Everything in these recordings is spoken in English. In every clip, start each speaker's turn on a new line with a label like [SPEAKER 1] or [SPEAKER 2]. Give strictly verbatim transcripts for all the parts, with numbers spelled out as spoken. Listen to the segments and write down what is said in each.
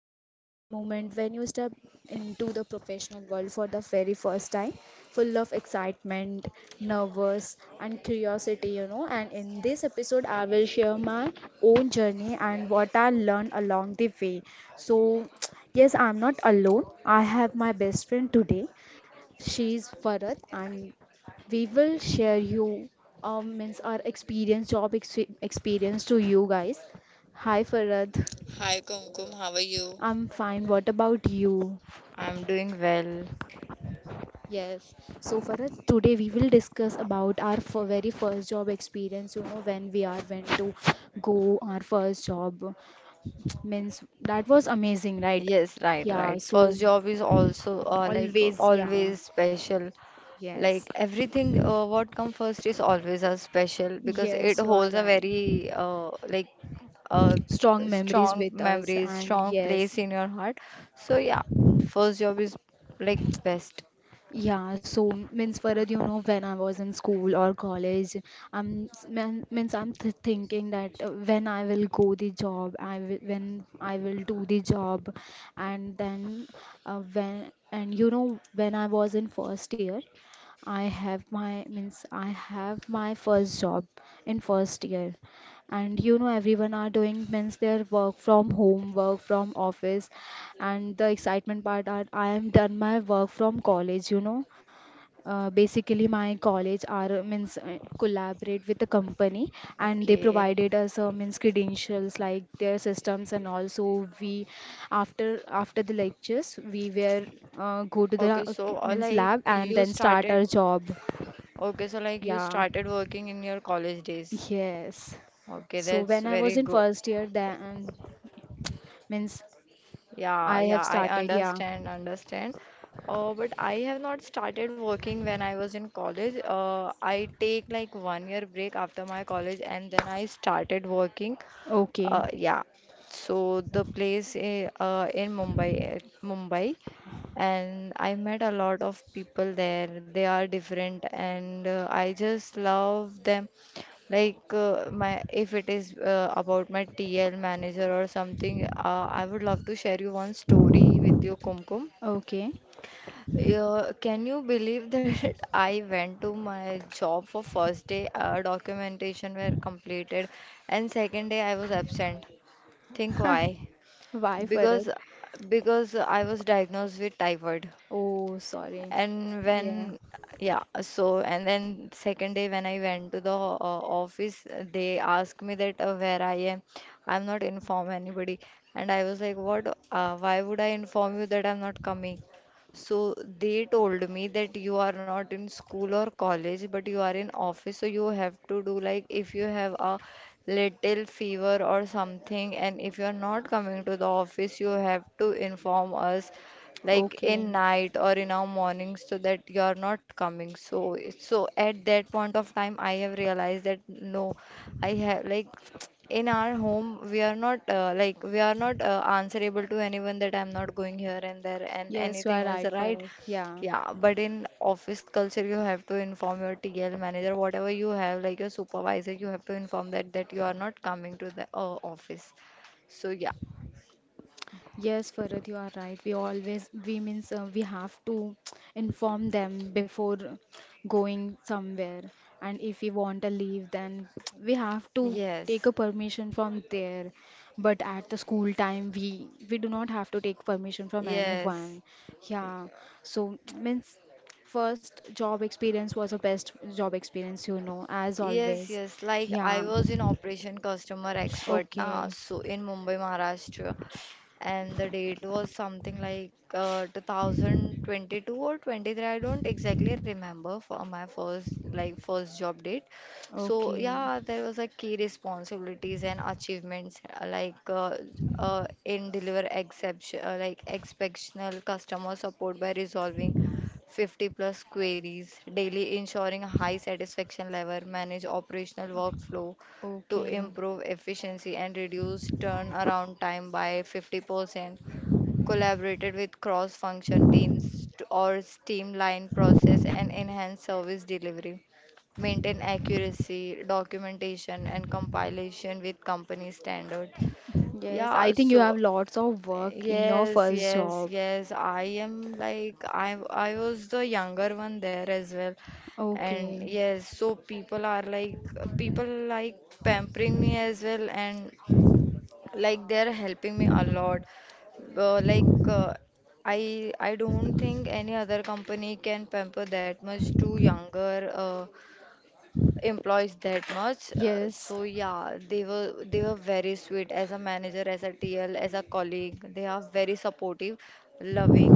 [SPEAKER 1] job, that moment when you step into the professional world for the very first time, full of excitement, nervous and curiosity, you know. And in this episode I will share my own journey and what I learned along the way. So yes, I'm not alone. I have my best friend today. She is Farad, and we will share you um, means our experience, job ex experience to you guys. Hi Farad,
[SPEAKER 2] Hi Kumkum, how are you?
[SPEAKER 1] I'm fine. What about you?
[SPEAKER 2] I'm doing well.
[SPEAKER 1] Yes. So Farad, today we will discuss about our f- very first job experience. You know when we are went to go our first job. Means that was amazing, right?
[SPEAKER 2] Yes, right,
[SPEAKER 1] Yeah.
[SPEAKER 2] right.
[SPEAKER 1] So
[SPEAKER 2] First job is also uh, like
[SPEAKER 1] always, yeah.
[SPEAKER 2] always special.
[SPEAKER 1] Yes.
[SPEAKER 2] Like everything uh, what come first is always a special because it
[SPEAKER 1] Yes, you are
[SPEAKER 2] holds a
[SPEAKER 1] right.
[SPEAKER 2] very uh, like uh,
[SPEAKER 1] Strong memories
[SPEAKER 2] strong
[SPEAKER 1] with us
[SPEAKER 2] memories,
[SPEAKER 1] and
[SPEAKER 2] strong place
[SPEAKER 1] yes,
[SPEAKER 2] in your heart. So yeah, first job is like best.
[SPEAKER 1] yeah, so means Farad, you know when I was in school or college, I'm man, means I'm th thinking that uh, when I will go the job, I will, when I will do the job, and then uh, when, and you know when I was in first year, I have my, means I have my first job in first year. And you know everyone are doing, means their work from home, work from office, and the excitement part are I am done my work from college, you know uh, basically my college are means uh, collaborate with the company, and they
[SPEAKER 2] Okay.
[SPEAKER 1] provided us uh, means credentials like their systems. And also we, after after the lectures we were uh, go to the
[SPEAKER 2] Okay,
[SPEAKER 1] uh,
[SPEAKER 2] so uh,
[SPEAKER 1] means
[SPEAKER 2] like
[SPEAKER 1] lab and
[SPEAKER 2] you
[SPEAKER 1] then start
[SPEAKER 2] started
[SPEAKER 1] our job.
[SPEAKER 2] okay, so like you
[SPEAKER 1] Yeah,
[SPEAKER 2] started working in your college days.
[SPEAKER 1] yes.
[SPEAKER 2] Okay,
[SPEAKER 1] So
[SPEAKER 2] that's
[SPEAKER 1] when I
[SPEAKER 2] very
[SPEAKER 1] was in
[SPEAKER 2] good.
[SPEAKER 1] first year, then means
[SPEAKER 2] Yeah,
[SPEAKER 1] I
[SPEAKER 2] yeah,
[SPEAKER 1] have
[SPEAKER 2] I
[SPEAKER 1] started, yeah.
[SPEAKER 2] understand, understand. Uh, but I have not started working when I was in college. Uh, I take like one year break after my college and then I started working.
[SPEAKER 1] Okay.
[SPEAKER 2] Uh, yeah. So the place i- uh, in Mumbai, uh, Mumbai, and I met a lot of people there. They are different, and uh, I just love them. Like uh, my, if it is uh, about my T L manager or something, uh, I would love to share you one story with you, Kumkum.
[SPEAKER 1] Okay.
[SPEAKER 2] Uh, can you believe that I went to my job for first day, uh, documentation were completed, and second day I was absent. Think why?
[SPEAKER 1] Why Farad?
[SPEAKER 2] Because because I was diagnosed with typhoid.
[SPEAKER 1] Oh, sorry.
[SPEAKER 2] And when,
[SPEAKER 1] Yeah.
[SPEAKER 2] yeah. So and then second day when I went to the ho- uh, office, uh, they asked me that uh, where I am. I'm not inform anybody, and I was like what? Uh, why would I inform you that I'm not coming? So they told me that you are not in school or college, but you are in office. So you have to do like if you have a little fever or something, and if you are not coming to the office, you have to inform us like
[SPEAKER 1] Okay.
[SPEAKER 2] in night or in our morning so that you are not coming. So so at that point of time I have realized that no, I have like, in our home we are not uh, like we are not uh, answerable to anyone, that I'm not going here and there and
[SPEAKER 1] Yes, you are
[SPEAKER 2] anything else,
[SPEAKER 1] right,
[SPEAKER 2] right?
[SPEAKER 1] Farah. Yeah.
[SPEAKER 2] Yeah, but in office culture you have to inform your TL manager, whatever you have, like your supervisor, you have to inform that that you are not coming to the uh, office. So yeah.
[SPEAKER 1] Yes, Farah, you are right. We always, we means uh, we have to inform them before going somewhere. And if we want to leave, then we have to take
[SPEAKER 2] Yes,
[SPEAKER 1] a permission from there. But at the school time, we we do not have to take permission from
[SPEAKER 2] yes.
[SPEAKER 1] anyone. Yeah. So means first job experience was the best job experience, you know, as
[SPEAKER 2] Yes,
[SPEAKER 1] always.
[SPEAKER 2] yes. Like I
[SPEAKER 1] Yeah.
[SPEAKER 2] was in operation customer expert now,
[SPEAKER 1] Okay.
[SPEAKER 2] so in Mumbai, Maharashtra, and the date was something like uh, two thousand twenty-two or twenty-three. I don't exactly remember for my first like first job date. So
[SPEAKER 1] Okay.
[SPEAKER 2] yeah, there was a key responsibilities and achievements, uh, like uh, uh, in deliver exception uh, like exceptional customer support by resolving fifty plus queries daily, ensuring high satisfaction level, manage operational workflow to
[SPEAKER 1] Okay.
[SPEAKER 2] improve efficiency and reduce turnaround time by fifty percent, collaborated with cross-function teams to- or streamline process and enhance service delivery, maintain accuracy, documentation, and compilation with company standards.
[SPEAKER 1] Yes, I
[SPEAKER 2] Yeah,
[SPEAKER 1] think you
[SPEAKER 2] so
[SPEAKER 1] have lots of work in your
[SPEAKER 2] yes,
[SPEAKER 1] first
[SPEAKER 2] yes,
[SPEAKER 1] job.
[SPEAKER 2] yes. I am like I I was the younger one there as well. And
[SPEAKER 1] Okay.
[SPEAKER 2] yes, so people are like people like pampering me as well, and like they're helping me a lot. Uh, like uh, I I don't think any other company can pamper that much to younger uh, employees that much. Uh, so
[SPEAKER 1] Yes.
[SPEAKER 2] yeah, they were they were very sweet as a manager, as a T L, as a colleague. They are very supportive, loving,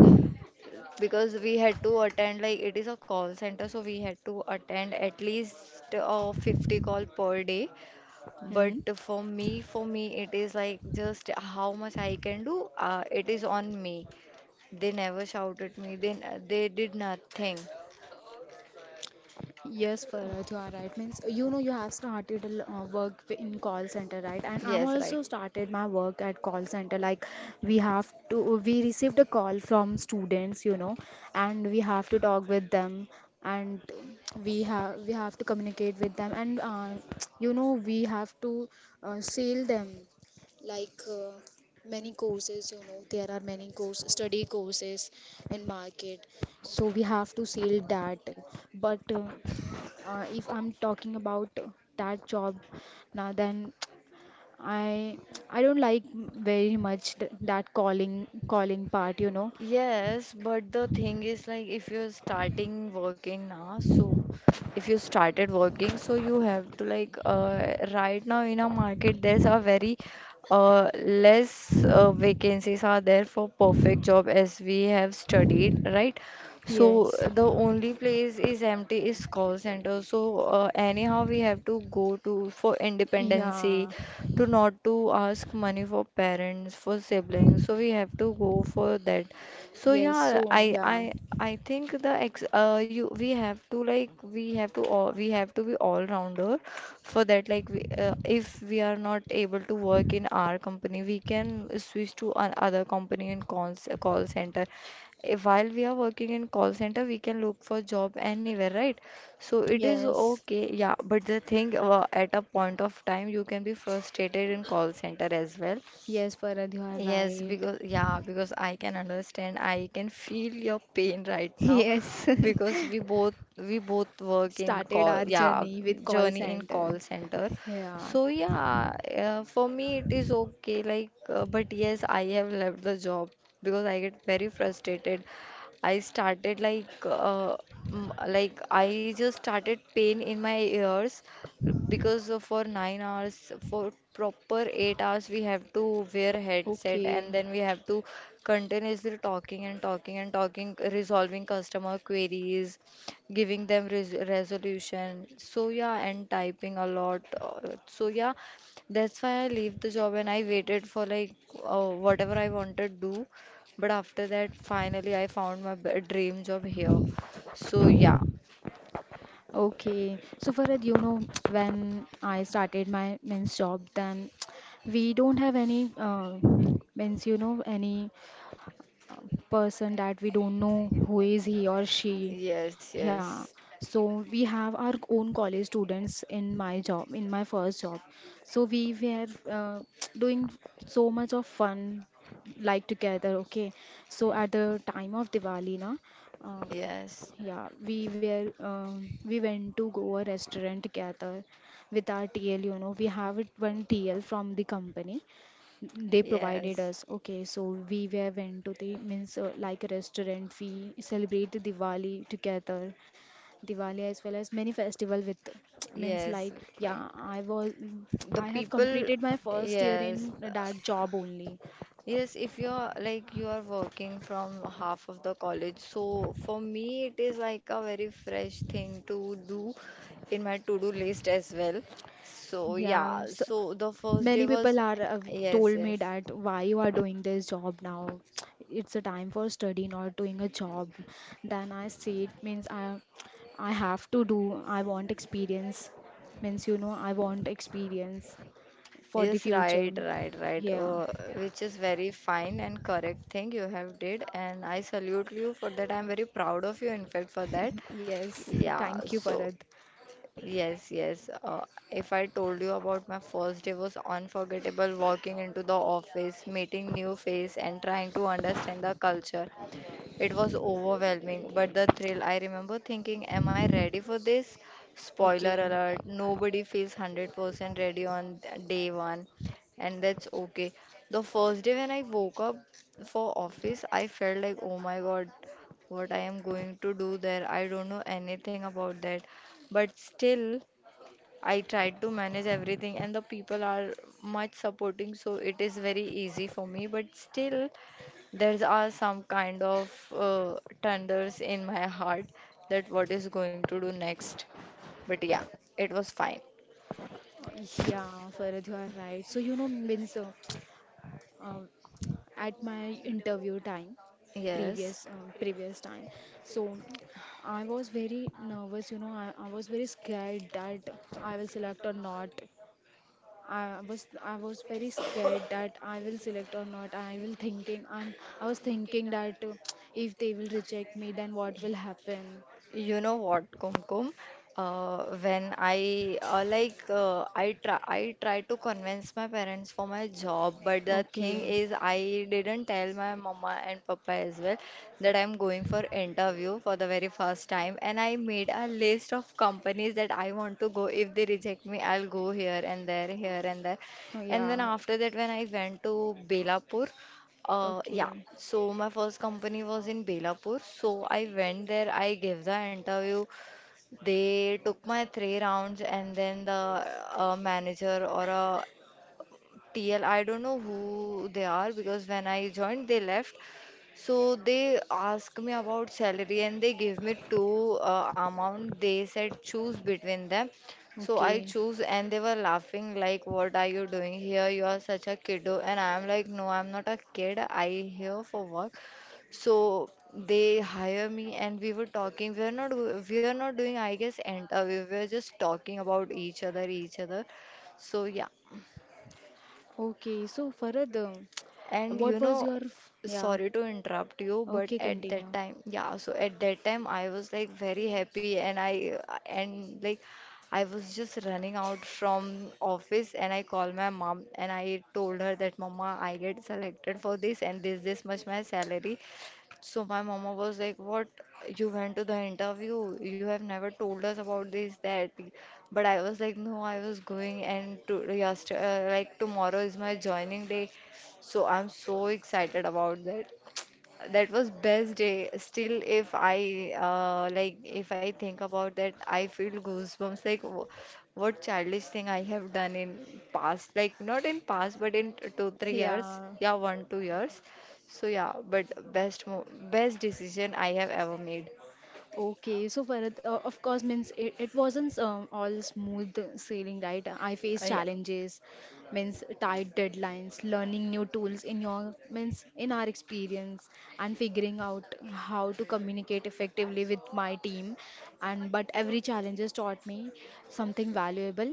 [SPEAKER 2] because we had to attend like it is a call center, so we had to attend at least uh, fifty call per day.
[SPEAKER 1] Hmm.
[SPEAKER 2] But for me, for me, it is like just how much I can do. Uh, it is on me. They never shouted me. They they did nothing.
[SPEAKER 1] Yes,
[SPEAKER 2] Uh,
[SPEAKER 1] Farad, you are right. Means you know you have started a l- uh, work w- in call center, right? And I'm
[SPEAKER 2] Yes, right.
[SPEAKER 1] also started my work at call center. Like, we have to, we received a call from students, you know, and we have to talk with them, and we have we have to communicate with them, and uh, you know we have to uh, sell them like uh, many courses, you know there are many course study courses in market, so we have to sell that. But uh, uh, if I'm talking about that job now, then I I don't like very much th that calling calling part, you know
[SPEAKER 2] Yes, but the thing is like if you're starting working now, so if you started working, so you have to like, uh, right now in a market there's a very uh, less uh, vacancies are there for perfect job as we have studied, right? So
[SPEAKER 1] yes.
[SPEAKER 2] the only place is empty is call center. So uh, anyhow we have to go to for independency,
[SPEAKER 1] Yeah.
[SPEAKER 2] to not to ask money for parents for siblings, so we have to go for that. So
[SPEAKER 1] Yes.
[SPEAKER 2] yeah,
[SPEAKER 1] So
[SPEAKER 2] I
[SPEAKER 1] yeah.
[SPEAKER 2] I I think the ex uh you we have to like, we have to all we have to be all rounder for that. Like we, uh, if we are not able to work in our company, we can switch to another company in calls call center. If while we are working in call center we can look for job anywhere, right? So it is
[SPEAKER 1] Yes.
[SPEAKER 2] okay. Yeah, but the thing uh, at a point of time you can be frustrated in call center as well.
[SPEAKER 1] Yes, Farad, you are
[SPEAKER 2] Yes,
[SPEAKER 1] right.
[SPEAKER 2] because yeah, because I can understand, I can feel your pain right now,
[SPEAKER 1] Yes.
[SPEAKER 2] because we both we both work in
[SPEAKER 1] Started
[SPEAKER 2] call,
[SPEAKER 1] our
[SPEAKER 2] yeah,
[SPEAKER 1] journey with call
[SPEAKER 2] journey in
[SPEAKER 1] center,
[SPEAKER 2] call center.
[SPEAKER 1] yeah.
[SPEAKER 2] So yeah, uh, for me it is okay like uh, but yes, I have left the job because I get very frustrated. I started like uh, m- like I just started pain in my ears, because uh, for nine hours, for proper eight hours, we have to wear headset and
[SPEAKER 1] Okay.
[SPEAKER 2] then we have to continuously talking and talking and talking, resolving customer queries, giving them res resolution. So yeah, and typing a lot. Uh, So yeah, that's why I leave the job and I waited for like uh, whatever I wanted to do. But after that, finally, I found my b- dream job here. So yeah,
[SPEAKER 1] Okay, so Farad, you know, when I started my men's job, then we don't have any uh, means you know any uh, person that we don't know who is he or she.
[SPEAKER 2] yes,
[SPEAKER 1] Yeah,
[SPEAKER 2] yes,
[SPEAKER 1] so we have our own college students in my job, in my first job. So we were uh, doing so much of fun like together. Okay, so at the time of Diwali, na, uh,
[SPEAKER 2] yes.
[SPEAKER 1] yeah, we were um, we went to go a restaurant together with our T L. You know, we have it one T L from the company. They provided
[SPEAKER 2] Yes,
[SPEAKER 1] us. Okay, so we were went to the means uh, like a restaurant. We celebrate the Diwali together, Diwali as well as many festival with means
[SPEAKER 2] yes.
[SPEAKER 1] like, yeah. I was,
[SPEAKER 2] The
[SPEAKER 1] I have
[SPEAKER 2] people,
[SPEAKER 1] completed my first year
[SPEAKER 2] yes,
[SPEAKER 1] in that
[SPEAKER 2] uh,
[SPEAKER 1] job only.
[SPEAKER 2] yes. If you're like you are working from half of the college, so for me it is like a very fresh thing to do in my to-do list as well. So
[SPEAKER 1] Yeah,
[SPEAKER 2] yeah,
[SPEAKER 1] so
[SPEAKER 2] so the first day
[SPEAKER 1] many
[SPEAKER 2] was,
[SPEAKER 1] people are uh,
[SPEAKER 2] yes,
[SPEAKER 1] told me
[SPEAKER 2] yes.
[SPEAKER 1] that why you are doing this job now. It's a time for study, not doing a job. Then I say it means I I have to do. I want experience. Means you know I want experience for the
[SPEAKER 2] Yes,
[SPEAKER 1] future.
[SPEAKER 2] right, right, right.
[SPEAKER 1] Yeah.
[SPEAKER 2] Uh, which is very fine and correct thing you have did, and I salute you for that. I'm very proud of you, in fact, for that.
[SPEAKER 1] Yes.
[SPEAKER 2] Yeah,
[SPEAKER 1] Thank you,
[SPEAKER 2] so
[SPEAKER 1] Parad.
[SPEAKER 2] yes, yes. Uh, if I told you about my first day, was unforgettable walking into the office, meeting new face and trying to understand the culture. It was overwhelming, but the thrill, I remember thinking, am I ready for this? Spoiler
[SPEAKER 1] Okay.
[SPEAKER 2] alert,
[SPEAKER 1] Hmm.
[SPEAKER 2] nobody feels one hundred percent ready on day one, and that's okay. The first day when I woke up for office, I felt like, oh my God, what I am going to do there. I don't know anything about that. But still, I tried to manage everything, and the people are much supporting, so it is very easy for me. But still, there are some kind of uh, thunders in my heart, that what is going to do next. But yeah, it was fine.
[SPEAKER 1] Uh, yeah, Farad, you are right. So, you know, means uh, um, at my interview time,
[SPEAKER 2] Yes.
[SPEAKER 1] previous uh, previous time, so I was very nervous, you know I, I was very scared that I will select or not. I was i was very scared that I will select or not. I will thinking, I'm, I was thinking that uh, if they will reject me, then what will happen?
[SPEAKER 2] You know what, Kumkum? Uh, when I uh, like uh, I try I try to convince my parents for my job, but the thing
[SPEAKER 1] Okay.
[SPEAKER 2] is I didn't tell my mama and papa as well that I'm going for interview for the very first time, and I made a list of companies that I want to go. If they reject me, I'll go here and there, here and there.
[SPEAKER 1] Oh,
[SPEAKER 2] And then
[SPEAKER 1] yeah.
[SPEAKER 2] after that, when I went to Belapur, uh, yeah,
[SPEAKER 1] Okay.
[SPEAKER 2] so my first company was in Belapur. So I went there, I gave the interview. They took my three rounds, and then the uh, manager or a T L, I don't know who they are because when I joined, they left. So they asked me about salary and they gave me two uh, amount. They said choose between them. So I
[SPEAKER 1] Okay.
[SPEAKER 2] choose and they were laughing like, what are you doing here? You are such a kiddo, and I am like, no, I'm not a kid. I here for work. So they hire me and we were talking. We are not we are not doing I guess interview. We were just talking about each other each other. So yeah.
[SPEAKER 1] Okay. So, Farad, um,
[SPEAKER 2] And you
[SPEAKER 1] what was
[SPEAKER 2] know,
[SPEAKER 1] your. F- Yeah.
[SPEAKER 2] sorry to interrupt you, but
[SPEAKER 1] Okay,
[SPEAKER 2] at that
[SPEAKER 1] continue.
[SPEAKER 2] time, yeah, so at that time I was like very happy, and I and like I was just running out from office and I called my mom and I told her that Mama, I get selected for this, and this this much my salary. So my mama was like, "What? You went to the interview? You have never told us about this, that." But I was like, "No, I was going, and to yesterday, uh, like tomorrow is my joining day, so I'm so excited about that." That was best day. Still, if I uh, like, if I think about that, I feel goosebumps. Like, wh- what childish thing I have done in past, like not in past, but in t- two, three years.
[SPEAKER 1] Yeah.
[SPEAKER 2] Yeah, one, two years. So yeah, but best, mo best decision I have ever made.
[SPEAKER 1] Okay, so Bharat, uh, of course, means it, it wasn't um, all smooth sailing, right? I
[SPEAKER 2] Uh,
[SPEAKER 1] faced
[SPEAKER 2] yeah.
[SPEAKER 1] challenges, means tight deadlines, learning new tools in your means in our experience, and figuring out how to communicate effectively with my team. And but every challenge has taught me something valuable,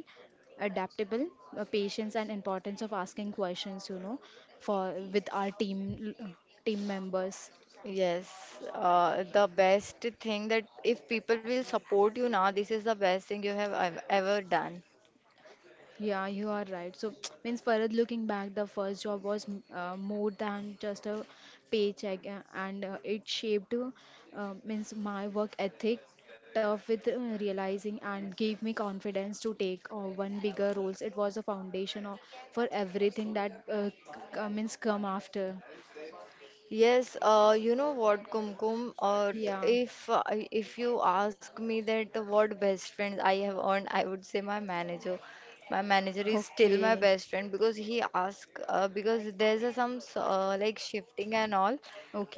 [SPEAKER 1] adaptable, uh, patience, and importance of asking questions. You know, for with our team team members.
[SPEAKER 2] Yes, uh, the best thing, that if people will support you now, this is the best thing you have ev- ever done.
[SPEAKER 1] Yeah, you are right. So, means Farad, looking back, the first job was m- uh, more than just a paycheck, uh, and uh, it shaped uh, uh, means my work ethic, tough with uh, realizing, and gave me confidence to take uh, one bigger roles. It was a foundation of, for everything that uh, c- uh, means come after.
[SPEAKER 2] Yes, uh, you know what, Kumkum, uh, t-
[SPEAKER 1] Yeah.
[SPEAKER 2] if uh, I- if you ask me that what best friends I have earned, I would say my manager. My manager is still my
[SPEAKER 1] Okay.
[SPEAKER 2] best friend because he ask uh, because there's a some s- uh, like shifting and all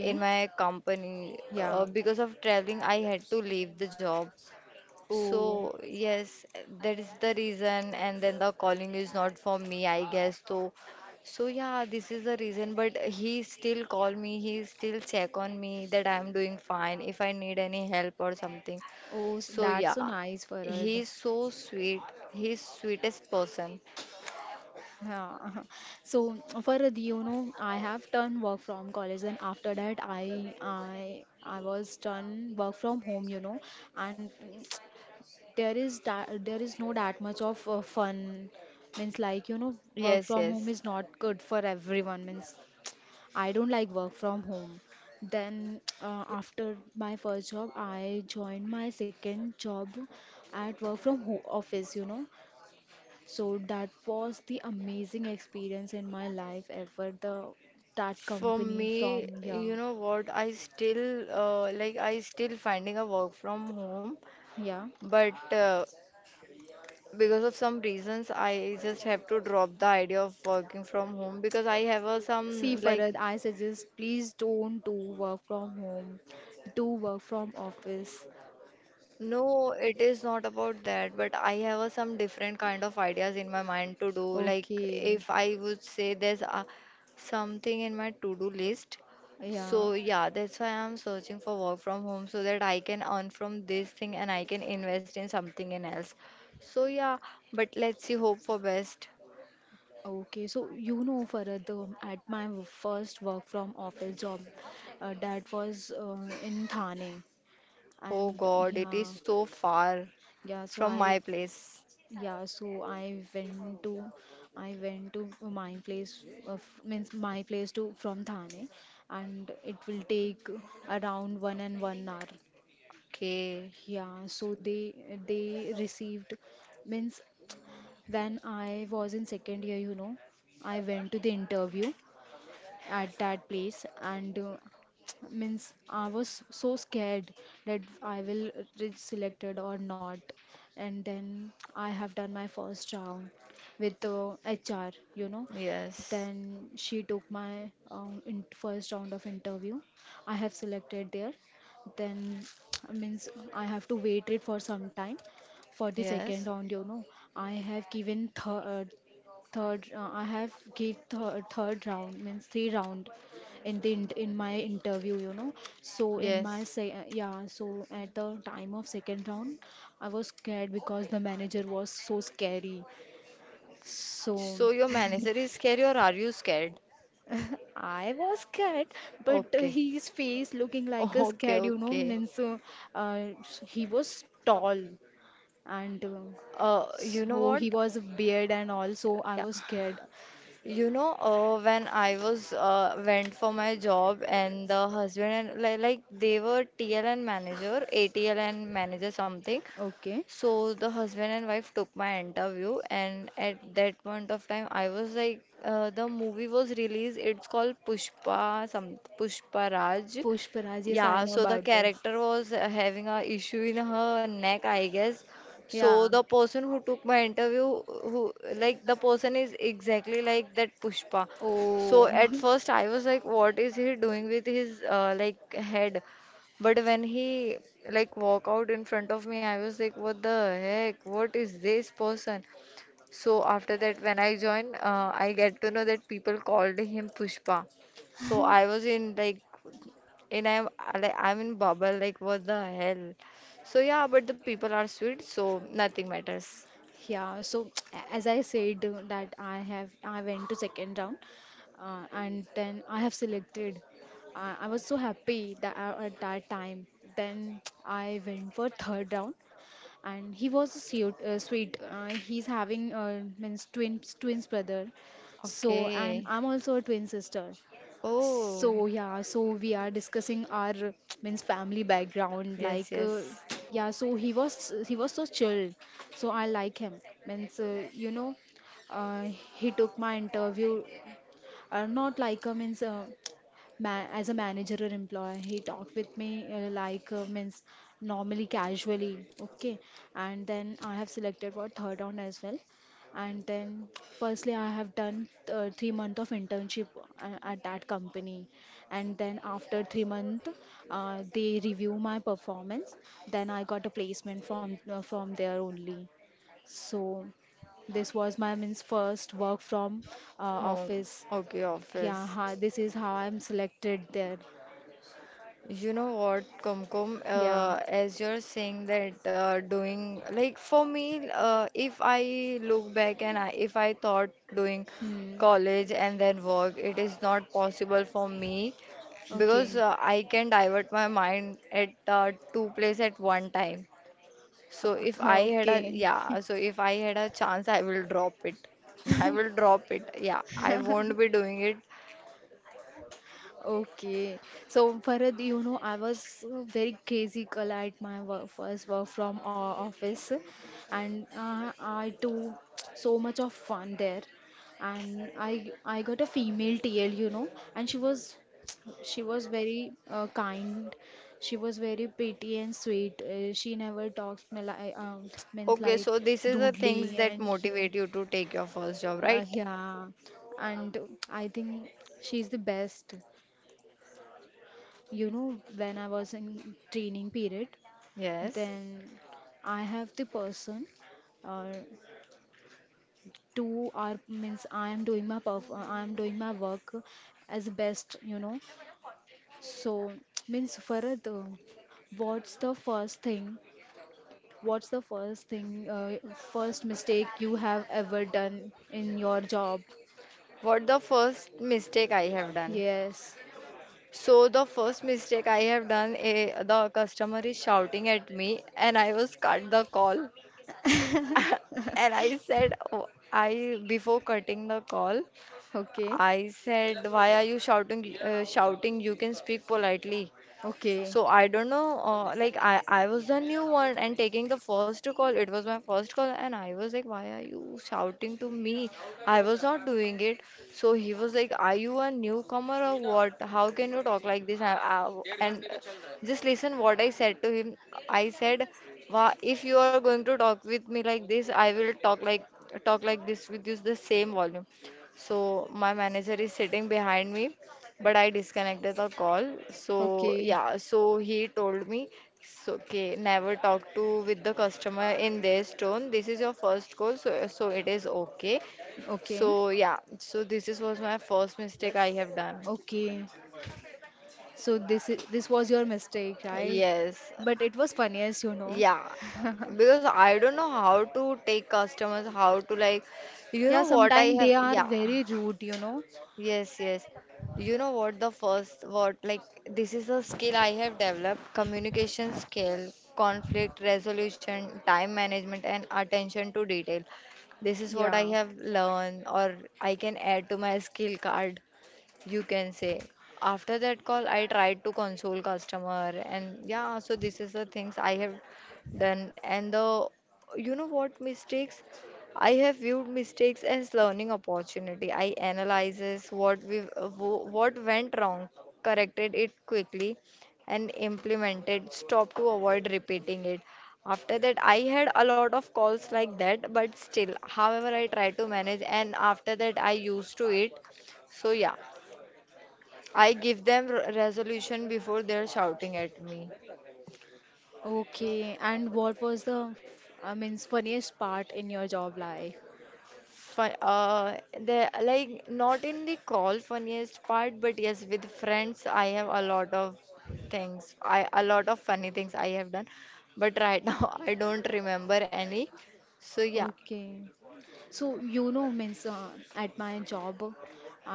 [SPEAKER 2] in my company, uh,
[SPEAKER 1] Yeah.
[SPEAKER 2] because of traveling I had to leave the job.
[SPEAKER 1] Oh.
[SPEAKER 2] So yes, that is the reason, and then the calling is not for me, I guess. So, so yeah, this is the reason. But he still call me. He still check on me that I'm doing fine, if I need any help or something.
[SPEAKER 1] Oh, s-
[SPEAKER 2] So
[SPEAKER 1] that's so
[SPEAKER 2] yeah,
[SPEAKER 1] nice, Farad.
[SPEAKER 2] he's so sweet. He's sweetest person.
[SPEAKER 1] Yeah. So for Farhad, you know, I have done work from college, and after that, I I I was done work from home, you know, and there is that there is no that much of uh, fun. Means like you know, work
[SPEAKER 2] Yes,
[SPEAKER 1] from home is
[SPEAKER 2] yes.
[SPEAKER 1] not good for everyone. Means I don't like work from home. Then uh, after my first job, I joined my second job at work from ho office, you know. So that was the amazing experience in my life ever. The that
[SPEAKER 2] For
[SPEAKER 1] company
[SPEAKER 2] me,
[SPEAKER 1] from, yeah,
[SPEAKER 2] you know what? I still uh, like I still finding a work from home,
[SPEAKER 1] yeah.
[SPEAKER 2] but uh, because of some reasons I just have to drop the idea of working from home because I have a some
[SPEAKER 1] See
[SPEAKER 2] like.
[SPEAKER 1] Farad, I suggest please don't do work from home. Do work from office.
[SPEAKER 2] No, it is not about that, but I have a some different kind of ideas in my mind to do. Like
[SPEAKER 1] Okay.
[SPEAKER 2] if I would say there's a, something in my to do list, so
[SPEAKER 1] Yeah.
[SPEAKER 2] yeah, that's why I'm searching for work from home so that I can earn from this thing and I can invest in something in else. So yeah, but let's see, hope for best.
[SPEAKER 1] Okay, so you know, Farad, um, at my w- first work from office job, uh, that was uh, in Thane,
[SPEAKER 2] Oh
[SPEAKER 1] and
[SPEAKER 2] god, it
[SPEAKER 1] yeah,
[SPEAKER 2] is so far
[SPEAKER 1] yeah. So
[SPEAKER 2] from
[SPEAKER 1] I,
[SPEAKER 2] my place.
[SPEAKER 1] yeah, so I went to, I went to my place of, means my place to from Thane, and it will take around one and one hour.
[SPEAKER 2] Okay,
[SPEAKER 1] Yeah, so they they received means when I was in second year, you know, I went to the interview at that place, and uh, means I was so scared that I will reach selected or not. And then I have done my first round with uh, H R, you know.
[SPEAKER 2] yes.
[SPEAKER 1] Then she took my um, in first round of interview. I have selected there. Then means I have to wait it for some time for the second
[SPEAKER 2] Yes. Yes.
[SPEAKER 1] round, you know. I have given th- uh, third uh, I have gave thir third round means three round in the int- in my interview, you know so in my say uh, yeah, so at the time of second round I was scared because the manager was so scary. So
[SPEAKER 2] So your manager is scary or are you scared?
[SPEAKER 1] I was scared, but uh,
[SPEAKER 2] Okay.
[SPEAKER 1] his face looking like a
[SPEAKER 2] Okay,
[SPEAKER 1] scared, you know
[SPEAKER 2] okay.
[SPEAKER 1] means uh, uh, he was tall, and uh,
[SPEAKER 2] Uh, you know
[SPEAKER 1] so
[SPEAKER 2] what?
[SPEAKER 1] he was a beard and all, so I
[SPEAKER 2] Yeah.
[SPEAKER 1] was scared.
[SPEAKER 2] You know, uh, when I was uh, went for my job, and the husband and, like, like they were T L N manager, A T L N manager something.
[SPEAKER 1] Okay.
[SPEAKER 2] So the husband and wife took my interview, and at that point of time, I was like, uh, the movie was released. It's called Pushpa, some Pushpa Raj.
[SPEAKER 1] Pushparaj, yes I
[SPEAKER 2] Yeah,
[SPEAKER 1] know
[SPEAKER 2] so the
[SPEAKER 1] about that.
[SPEAKER 2] character was uh, having a issue in her neck, I guess.
[SPEAKER 1] Yeah.
[SPEAKER 2] So the person who took my interview, who like the person is exactly like that Pushpa. So
[SPEAKER 1] Oh.
[SPEAKER 2] at first I was like, what is he doing with his uh, like head? But when he like walk out in front of me, I was like, what the heck? What is this person? So after that, when I joined, uh, I get to know that people called him Pushpa. So I was in like, and I'm I- like I'm in bubble, like what the hell. So yeah, but the people are sweet so nothing matters.
[SPEAKER 1] Yeah, so as I said uh, that I have, I went to second round uh, and then I have selected. Uh, I was so happy that uh, at that time. Then I went for third round, and he was a sweet. Uh, sweet. Uh, he's having uh, means twins twins brother. So, and
[SPEAKER 2] Okay.
[SPEAKER 1] I'm also a twin sister.
[SPEAKER 2] Oh,
[SPEAKER 1] So yeah, so we are discussing our means family background.
[SPEAKER 2] yes,
[SPEAKER 1] Like uh,
[SPEAKER 2] yes.
[SPEAKER 1] yeah, so he was he was so chilled. So I like him. Means uh, you know, uh, he took my interview. Uh, not like uh, means uh, ma- as a manager or employer, he talked with me uh, like uh, means normally, casually, okay. And then I have selected for third round as well. And then firstly I have done uh, three month of internship uh, at that company, and then after three month uh, they review my performance, then I got a placement from uh, from there only. So this was my means first work from uh,
[SPEAKER 2] Home.
[SPEAKER 1] office.
[SPEAKER 2] Okay, office.
[SPEAKER 1] Yeah, ha, this is how I'm selected there.
[SPEAKER 2] You know what, Kumkum,
[SPEAKER 1] Yeah.
[SPEAKER 2] uh, as you're saying that, uh, doing like for me, uh, if I look back and I, if I thought doing
[SPEAKER 1] Hmm.
[SPEAKER 2] college and then work, it is not possible for me because
[SPEAKER 1] Okay.
[SPEAKER 2] uh, I can divert my mind at uh, two place at one time. So if I had a
[SPEAKER 1] Okay.
[SPEAKER 2] yeah, so if I had a chance, I will drop it. I will drop it. Yeah, I won't be doing it.
[SPEAKER 1] Okay, so Farad, you know, I was a very crazy girl at my work, first work from uh, office, and uh, I do so much of fun there, and I I got a female T L, you know, and she was she was very uh, kind, she was very pretty and sweet. Uh, she never talks me like um, means
[SPEAKER 2] Okay,
[SPEAKER 1] like
[SPEAKER 2] so this is the things
[SPEAKER 1] rudely
[SPEAKER 2] that
[SPEAKER 1] and you,
[SPEAKER 2] motivate you to take your first job,
[SPEAKER 1] uh,
[SPEAKER 2] right?
[SPEAKER 1] yeah, and I think she's the best. You know, when I was in training period,
[SPEAKER 2] Yes.
[SPEAKER 1] then I have the person uh, two are means I am doing my perf I am doing my work as best, you know. So means Farad, uh, what's the first thing? What's the first thing, uh, first mistake you have ever done in your job?
[SPEAKER 2] What the first mistake I have done?
[SPEAKER 1] Yes.
[SPEAKER 2] So the first mistake I have done, eh, the customer is shouting at me, and I was cut the call. And I said, oh, I before cutting the call,
[SPEAKER 1] Okay.
[SPEAKER 2] I said, why are you shouting? Uh, shouting? You can speak politely.
[SPEAKER 1] Okay.
[SPEAKER 2] So I don't know, uh, like I I was the new one and taking the first call. It was my first call, and I was like, "Why are you shouting to me? I was not doing it." So he was like, "Are you a newcomer or what? How can you talk like this?" I, I, and uh, just listen what I said to him. I said, "Wow, if you are going to talk with me like this, I will talk like talk like this with you, the same volume." So my manager is sitting behind me, but I disconnected the call. So
[SPEAKER 1] Okay.
[SPEAKER 2] yeah, so he told me, so, okay, never talk to with the customer in this tone. This is your first call, so so it is okay. So
[SPEAKER 1] Okay.
[SPEAKER 2] yeah, so this is was my first mistake I have done.
[SPEAKER 1] Okay. So this is this was your mistake, right?
[SPEAKER 2] Yes,
[SPEAKER 1] But it was funniest, you know.
[SPEAKER 2] yeah, because I don't know how to take customers, how to like, you
[SPEAKER 1] Yeah,
[SPEAKER 2] know what I
[SPEAKER 1] sometimes
[SPEAKER 2] have,
[SPEAKER 1] they are
[SPEAKER 2] yeah.
[SPEAKER 1] very rude, you know.
[SPEAKER 2] Yes, yes. You know what the first what, like this is a skill I have developed: communication skill, conflict resolution, time management and attention to detail. This is what I
[SPEAKER 1] Yeah.
[SPEAKER 2] have learned, or I can add to my skill card, you can say. After that call I tried to console customer, and yeah, so this is the things I have done. And the, you know what, mistakes, I have viewed mistakes as learning opportunity. I analyzes what we, what went wrong, corrected it quickly and implemented stop to avoid repeating it. After that I had a lot of calls like that, but still however I try to manage, and after that I used to it. So yeah, I give them r- resolution before they're shouting at me.
[SPEAKER 1] Okay. And what was the, f- I mean, funniest part in your job life?
[SPEAKER 2] Fun, uh, they like not in the call funniest part, but yes, with friends, I have a lot of things. I A lot of funny things I have done, but right now I don't remember any. So yeah,
[SPEAKER 1] Okay. So you know, means uh, at my job,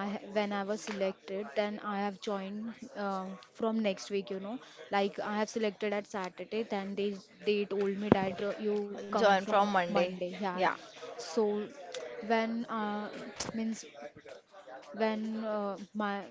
[SPEAKER 1] I ha- when I was selected, then I have joined uh, from next week. You know, like I have selected at Saturday, then they they told me that uh, you come
[SPEAKER 2] join
[SPEAKER 1] from
[SPEAKER 2] from Monday.
[SPEAKER 1] Monday. Yeah,
[SPEAKER 2] Yeah,
[SPEAKER 1] so when uh, means when uh, my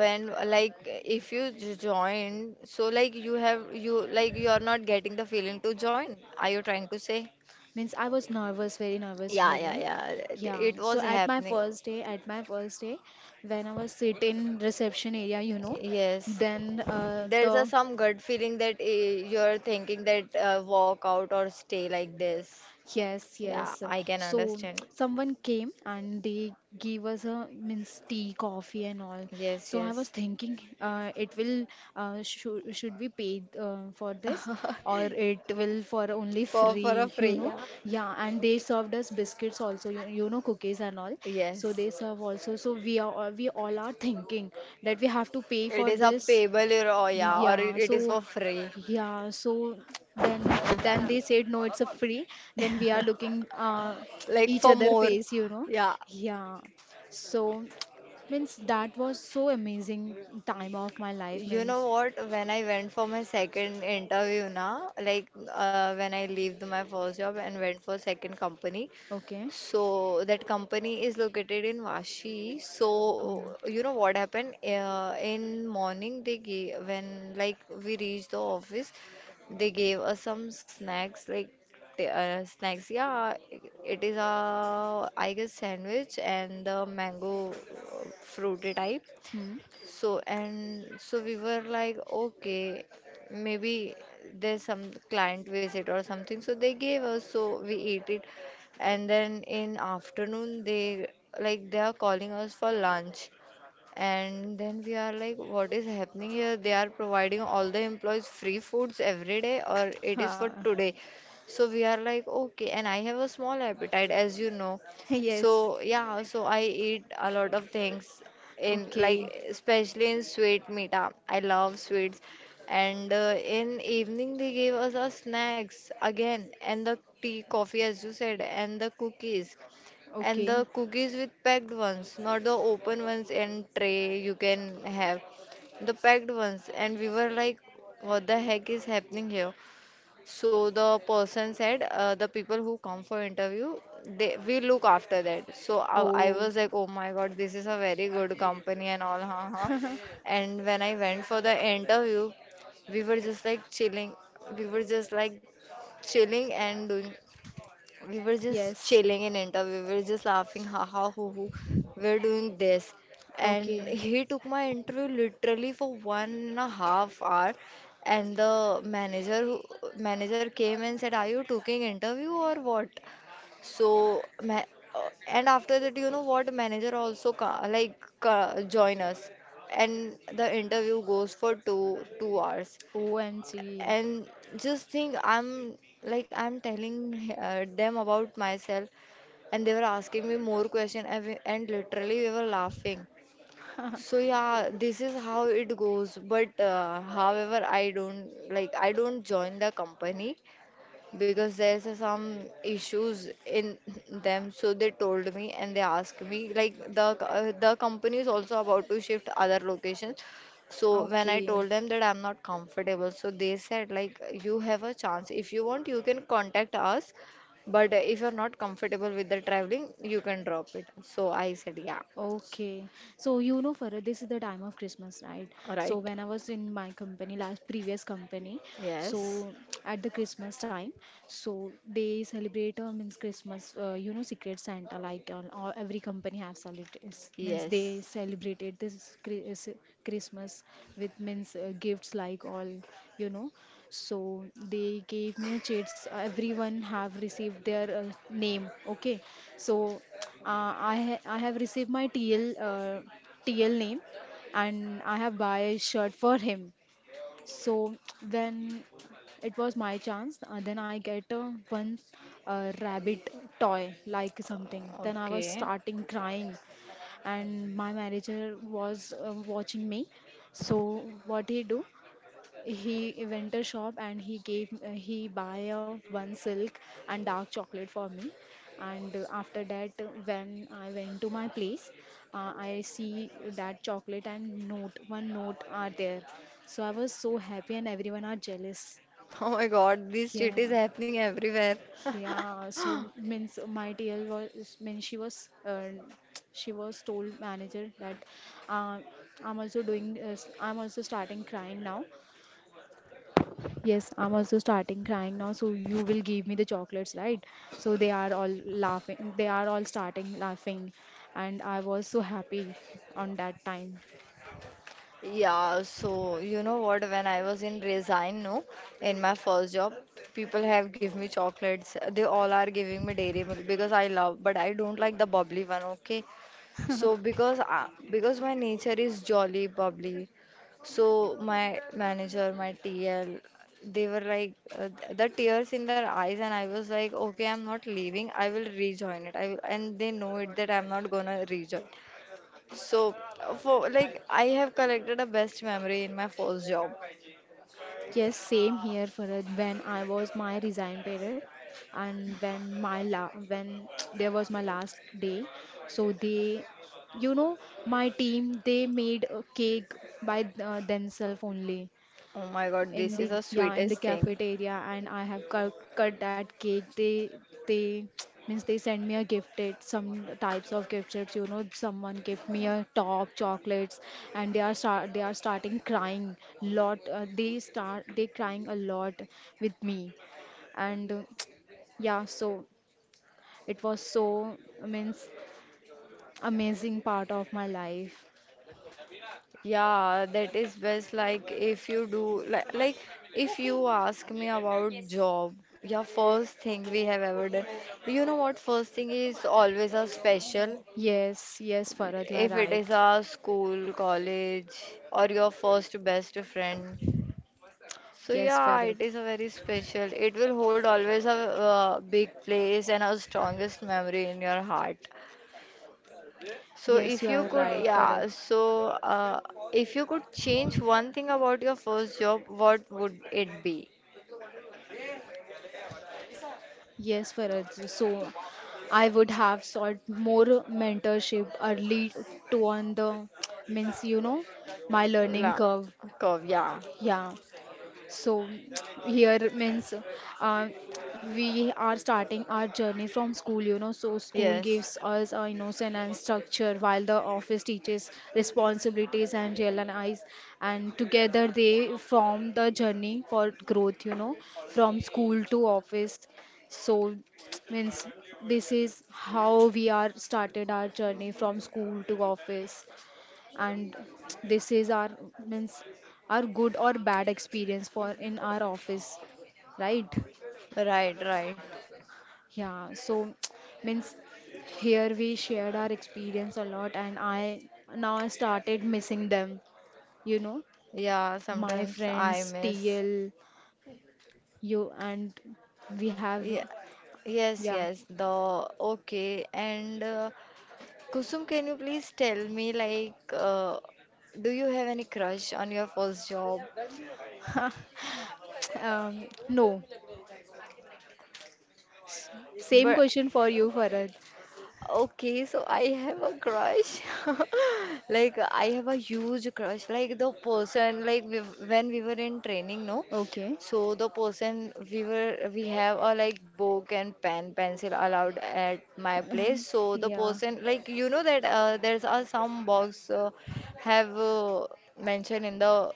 [SPEAKER 2] when, like if you j- join, so like you have, you like you are not getting the feeling to join. Are you trying to say?
[SPEAKER 1] means I was nervous, very nervous.
[SPEAKER 2] Yeah,
[SPEAKER 1] You
[SPEAKER 2] yeah,
[SPEAKER 1] know,
[SPEAKER 2] yeah.
[SPEAKER 1] yeah.
[SPEAKER 2] It
[SPEAKER 1] So
[SPEAKER 2] was
[SPEAKER 1] at my
[SPEAKER 2] happening.
[SPEAKER 1] first day, at my first day, when I was sit in reception area, you know,
[SPEAKER 2] Yes.
[SPEAKER 1] then uh,
[SPEAKER 2] There's a
[SPEAKER 1] the
[SPEAKER 2] some gut feeling that eh, you're thinking that, uh, walk out or stay like this.
[SPEAKER 1] Yes,
[SPEAKER 2] Yeah,
[SPEAKER 1] yes.
[SPEAKER 2] I can
[SPEAKER 1] So
[SPEAKER 2] understand.
[SPEAKER 1] someone came and they gave us a means tea, coffee, and all.
[SPEAKER 2] Yes,
[SPEAKER 1] So I was
[SPEAKER 2] yes.
[SPEAKER 1] thinking, uh, it will uh, should should we pay uh, for this or it will for only
[SPEAKER 2] for for a
[SPEAKER 1] free, you
[SPEAKER 2] free,
[SPEAKER 1] know?
[SPEAKER 2] yeah.
[SPEAKER 1] Yeah, and they served us biscuits also, you, you know, cookies and all. So
[SPEAKER 2] Yes.
[SPEAKER 1] they serve also. So we are all- we all are thinking that we have to pay
[SPEAKER 2] It
[SPEAKER 1] for
[SPEAKER 2] is a
[SPEAKER 1] this
[SPEAKER 2] payable or, oh, yeah, or it,
[SPEAKER 1] yeah,
[SPEAKER 2] it is
[SPEAKER 1] so
[SPEAKER 2] for free.
[SPEAKER 1] yeah, so then then they said no, it's a free. Then we are looking uh,
[SPEAKER 2] Like
[SPEAKER 1] each
[SPEAKER 2] for
[SPEAKER 1] other
[SPEAKER 2] more,
[SPEAKER 1] face, you know.
[SPEAKER 2] yeah.
[SPEAKER 1] Yeah, so means that was so amazing time of my life.
[SPEAKER 2] You
[SPEAKER 1] Means
[SPEAKER 2] know what? When I went for my second interview now, like uh, when I left my first job and went for second company,
[SPEAKER 1] okay.
[SPEAKER 2] so that company is located in Vashi. So
[SPEAKER 1] Hmm.
[SPEAKER 2] you know what happened? Uh, in morning they gave when, like we reached the office, they gave us some snacks like, t- uh, snacks. Yeah, it is a I guess sandwich and the mango uh, fruity type.
[SPEAKER 1] Hmm.
[SPEAKER 2] So, and so we were like, okay, maybe there's some client visit or something. So they gave us, so we ate it. And then in afternoon, they like they are calling us for lunch. And then we are like, what is happening here? They are providing all the employees free foods every day, or it is for
[SPEAKER 1] Ah.
[SPEAKER 2] today. So we are like, okay. And I have a small appetite, as you know.
[SPEAKER 1] yes.
[SPEAKER 2] So yeah, so I eat a lot of things in like,
[SPEAKER 1] Okay.
[SPEAKER 2] especially in sweet meat. ah, I love sweets. And uh, in evening they gave us our snacks again, and the tea, coffee, as you said, and the cookies. And
[SPEAKER 1] Okay.
[SPEAKER 2] the cookies with packed ones, not the open ones and tray you can have. The packed ones. And we were like, what the heck is happening here? So the person said, uh, the people who come for interview, they we look after that. So I, I
[SPEAKER 1] Oh.
[SPEAKER 2] was like, oh my God, this is a very good company and all, huh, huh. And when I went for the interview, we were just like chilling. We were just like chilling and doing we were just
[SPEAKER 1] Yes.
[SPEAKER 2] chilling in Inta. We were just laughing, ha ha hoo hoo. We're doing this. And
[SPEAKER 1] Okay.
[SPEAKER 2] he took my interview literally for one and a half hour. And the manager who- manager came and said, "Are you taking interview or what?" So, ma- uh, and after that, you know what? Manager also ca- like ca- join us, and the interview goes for two two hours,
[SPEAKER 1] O M G.
[SPEAKER 2] and just think I'm like I'm telling uh, them about myself, and they were asking me more question, and, we- and literally we were laughing. So yeah, this is how it goes, but uh, however i don't like I don't join the company because there's a- some issues in them, so they told me and they asked me like, the co- uh, the company is also about to shift other locations. So when I
[SPEAKER 1] Okay.
[SPEAKER 2] told them that I'm not comfortable, so they said like, you have a chance, if you want you can contact us, but if you're not comfortable with the traveling you can drop it, so I said yeah.
[SPEAKER 1] Okay, so you know, Farah, this is the time of Christmas, right? So
[SPEAKER 2] Right.
[SPEAKER 1] when I was in my company, last previous company,
[SPEAKER 2] Yes,
[SPEAKER 1] so at the Christmas time, so they celebrate uh, means Christmas. Uh, you know, Secret Santa, like uh, all, every company has celebrated means
[SPEAKER 2] yes.
[SPEAKER 1] they celebrated this Chri- uh, s- Christmas with means uh, gifts like all you know. So they gave me a chits. Everyone have received their uh, name. Okay, so. Uh, I ha I have received my T L uh, T L name and I have buy a shirt for him. So when it was my chance, uh, then I get uh, one uh, rabbit toy like something.
[SPEAKER 2] Uh,
[SPEAKER 1] Then I was
[SPEAKER 2] okay.
[SPEAKER 1] starting crying and my manager was uh, watching me. So what he do? He went a shop and he gave uh, he buy a one silk and dark chocolate for me. And uh, after that, uh, when I went to my place, uh, I see that chocolate and note one note are there. So I was so happy and everyone are jealous.
[SPEAKER 2] Oh my God, this
[SPEAKER 1] Yeah,
[SPEAKER 2] shit is happening everywhere.
[SPEAKER 1] yeah. So means my T L was means she was uh, she was told manager that uh, I'm also doing uh, I'm also starting crying now. Yes, I'm also starting crying now. So you will give me the chocolates, right? So they are all laughing. They are all starting laughing, and I was so happy on that time.
[SPEAKER 2] Yeah, so you know what? When I was in Resign, no, in my first job, people have give me chocolates. They all are giving me dairy milk because I love, but I don't like the bubbly one. Okay, so because I, because my nature is jolly bubbly, so my manager, my T L, they were like uh, th- the tears in their eyes, and I was like, okay, I'm not leaving. I will rejoin it. I will, and they know it that I'm not gonna rejoin. So, for like, I have collected a best memory in my first job.
[SPEAKER 1] Yes, same here, Farad. When I was my resign period, and when my la when there was my last day, so they, you know, my team they made a cake by uh, themselves only.
[SPEAKER 2] Oh my God,
[SPEAKER 1] In
[SPEAKER 2] this is
[SPEAKER 1] the
[SPEAKER 2] the
[SPEAKER 1] yeah in the
[SPEAKER 2] sweetest thing.
[SPEAKER 1] cafeteria and I have cut, cut that cake they they means they send me a gifted some types of gifts you know someone give me a top chocolates and they are start they are starting crying lot uh, they start they crying a lot with me and uh, yeah so it was so means amazing part of my life.
[SPEAKER 2] Yeah, that is best. Like, if you do, like, like if you ask me about job, yeah, first thing we have ever done. You know what? First thing is always a special.
[SPEAKER 1] Yes yes Farad you are
[SPEAKER 2] If it
[SPEAKER 1] right.
[SPEAKER 2] is a school, college, or your first best friend, so
[SPEAKER 1] Yes
[SPEAKER 2] yeah,
[SPEAKER 1] Farad.
[SPEAKER 2] it is a very special. It will hold always a uh, big place and a strongest memory in your heart. So
[SPEAKER 1] Yes you
[SPEAKER 2] if you
[SPEAKER 1] are
[SPEAKER 2] could,
[SPEAKER 1] right Farad.
[SPEAKER 2] yeah, so uh, if you could change one thing about your first job, what would it be?
[SPEAKER 1] Yes, Faraj. So I would have sought more mentorship early to on the means you know my learning
[SPEAKER 2] La
[SPEAKER 1] curve.
[SPEAKER 2] curve, yeah.
[SPEAKER 1] Yeah, so here means uh, we are starting our journey from school, you know. So school
[SPEAKER 2] Yes.
[SPEAKER 1] gives us a innocence and structure, while the office teaches responsibilities and realize. And together they form the journey for growth, you know, from school to office. So means this is how we are started our journey from school to office and this is our means our good or bad experience for in our office, right?
[SPEAKER 2] Right, right.
[SPEAKER 1] Yeah, so means here we shared our experience a lot and I now I started missing them, you know,
[SPEAKER 2] Yeah,
[SPEAKER 1] my
[SPEAKER 2] sometimes
[SPEAKER 1] friends
[SPEAKER 2] I miss.
[SPEAKER 1] tl you and we have
[SPEAKER 2] Yeah. Yes,
[SPEAKER 1] yeah.
[SPEAKER 2] yes. The, okay. And uh, Kusum, can you please tell me like, uh, do you have any crush on your first job?
[SPEAKER 1] Um, no, same
[SPEAKER 2] But.
[SPEAKER 1] question for you Farad.
[SPEAKER 2] Okay, so I have a crush. Like I have a huge crush. Like the person, like we, when we were in training, no?
[SPEAKER 1] Okay.
[SPEAKER 2] So the person we were, we have a like book and pen, pencil allowed at my place. So the
[SPEAKER 1] Yeah.
[SPEAKER 2] person, like you know that uh, there's a some box uh, have uh, mentioned in the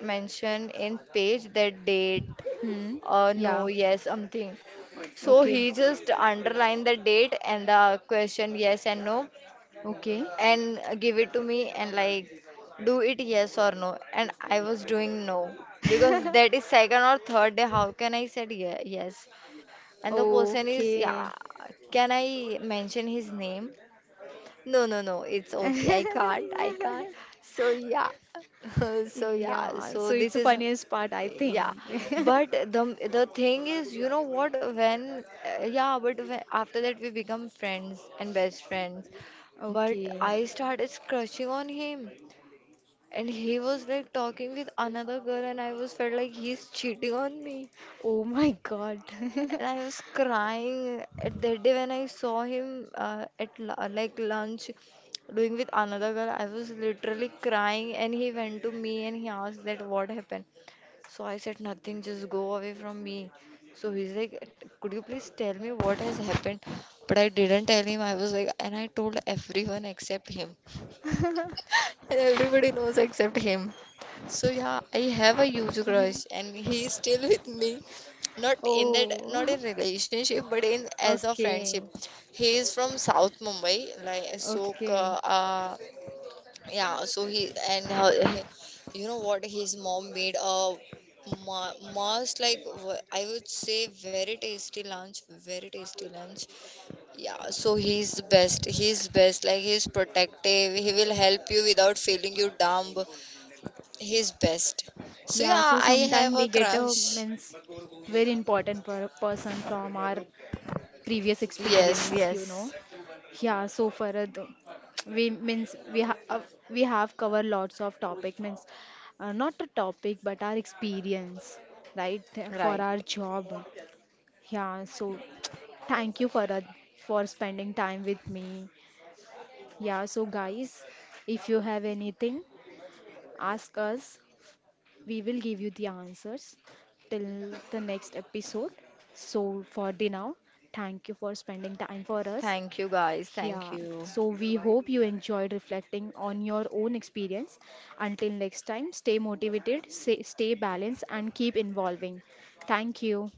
[SPEAKER 2] mention in page that date,
[SPEAKER 1] Hmm.
[SPEAKER 2] uh, no,
[SPEAKER 1] Yeah.
[SPEAKER 2] yes, something. So
[SPEAKER 1] Okay.
[SPEAKER 2] he just underlined the date and the question yes and no
[SPEAKER 1] Okay.
[SPEAKER 2] and give it to me, and like do it yes or no. And I was doing no because that is second or third day. How can I said ye- yes? And the person is, yeah,
[SPEAKER 1] Okay.
[SPEAKER 2] can I mention his name? No, no, no, it's okay. I can't. I can't. So yeah. So yeah.
[SPEAKER 1] Yeah.
[SPEAKER 2] So
[SPEAKER 1] So it's
[SPEAKER 2] this
[SPEAKER 1] the
[SPEAKER 2] is,
[SPEAKER 1] funniest part, I think.
[SPEAKER 2] yeah, but the the thing is, you know what, when uh, yeah, but when, after that we become friends and best friends, but
[SPEAKER 1] Okay.
[SPEAKER 2] I started crushing on him, and he was like talking with another girl, and I was felt like he's cheating on me,
[SPEAKER 1] Oh my God.
[SPEAKER 2] and I was crying at that day when I saw him uh, at lu- like lunch doing with another girl. I was literally crying, and he went to me and he asked that what happened. So I said, nothing, just go away from me. So he's like, could you please tell me what has happened? But I didn't tell him. I was like, and I told everyone except him. And everybody knows except him. So yeah, I have a huge crush, and he's still with me. Not in that, not
[SPEAKER 1] Oh,
[SPEAKER 2] in relationship, but in as a
[SPEAKER 1] okay,
[SPEAKER 2] friendship. He is from South Mumbai, like so.
[SPEAKER 1] okay.
[SPEAKER 2] Uh, yeah, so he and her, he, you know what, his mom made a ma- must like w- I would say very tasty lunch, very tasty lunch. Yeah, so he's best. He's best. Like he's protective. He will help you without feeling you dumb. He's best. So
[SPEAKER 1] Yeah, so
[SPEAKER 2] yeah, I
[SPEAKER 1] sometime
[SPEAKER 2] have
[SPEAKER 1] we
[SPEAKER 2] a
[SPEAKER 1] get a
[SPEAKER 2] crush.
[SPEAKER 1] means very important per person from our previous
[SPEAKER 2] Yes,
[SPEAKER 1] experience, you
[SPEAKER 2] yes.
[SPEAKER 1] know. Yeah, so Farad, we means we have we have covered lots of topic means uh, not a topic but our experience, right, for
[SPEAKER 2] Right.
[SPEAKER 1] our job. Yeah, so thank you Farad for spending time with me. Yeah, so guys, if you have anything, ask us. We will give you the answers till the next episode. So for the now, thank you for spending time for us.
[SPEAKER 2] Thank you, guys. Thank
[SPEAKER 1] Yeah,
[SPEAKER 2] you.
[SPEAKER 1] so we hope you enjoyed reflecting on your own experience. Until next time, stay motivated, stay stay balanced, and keep involving. Thank you.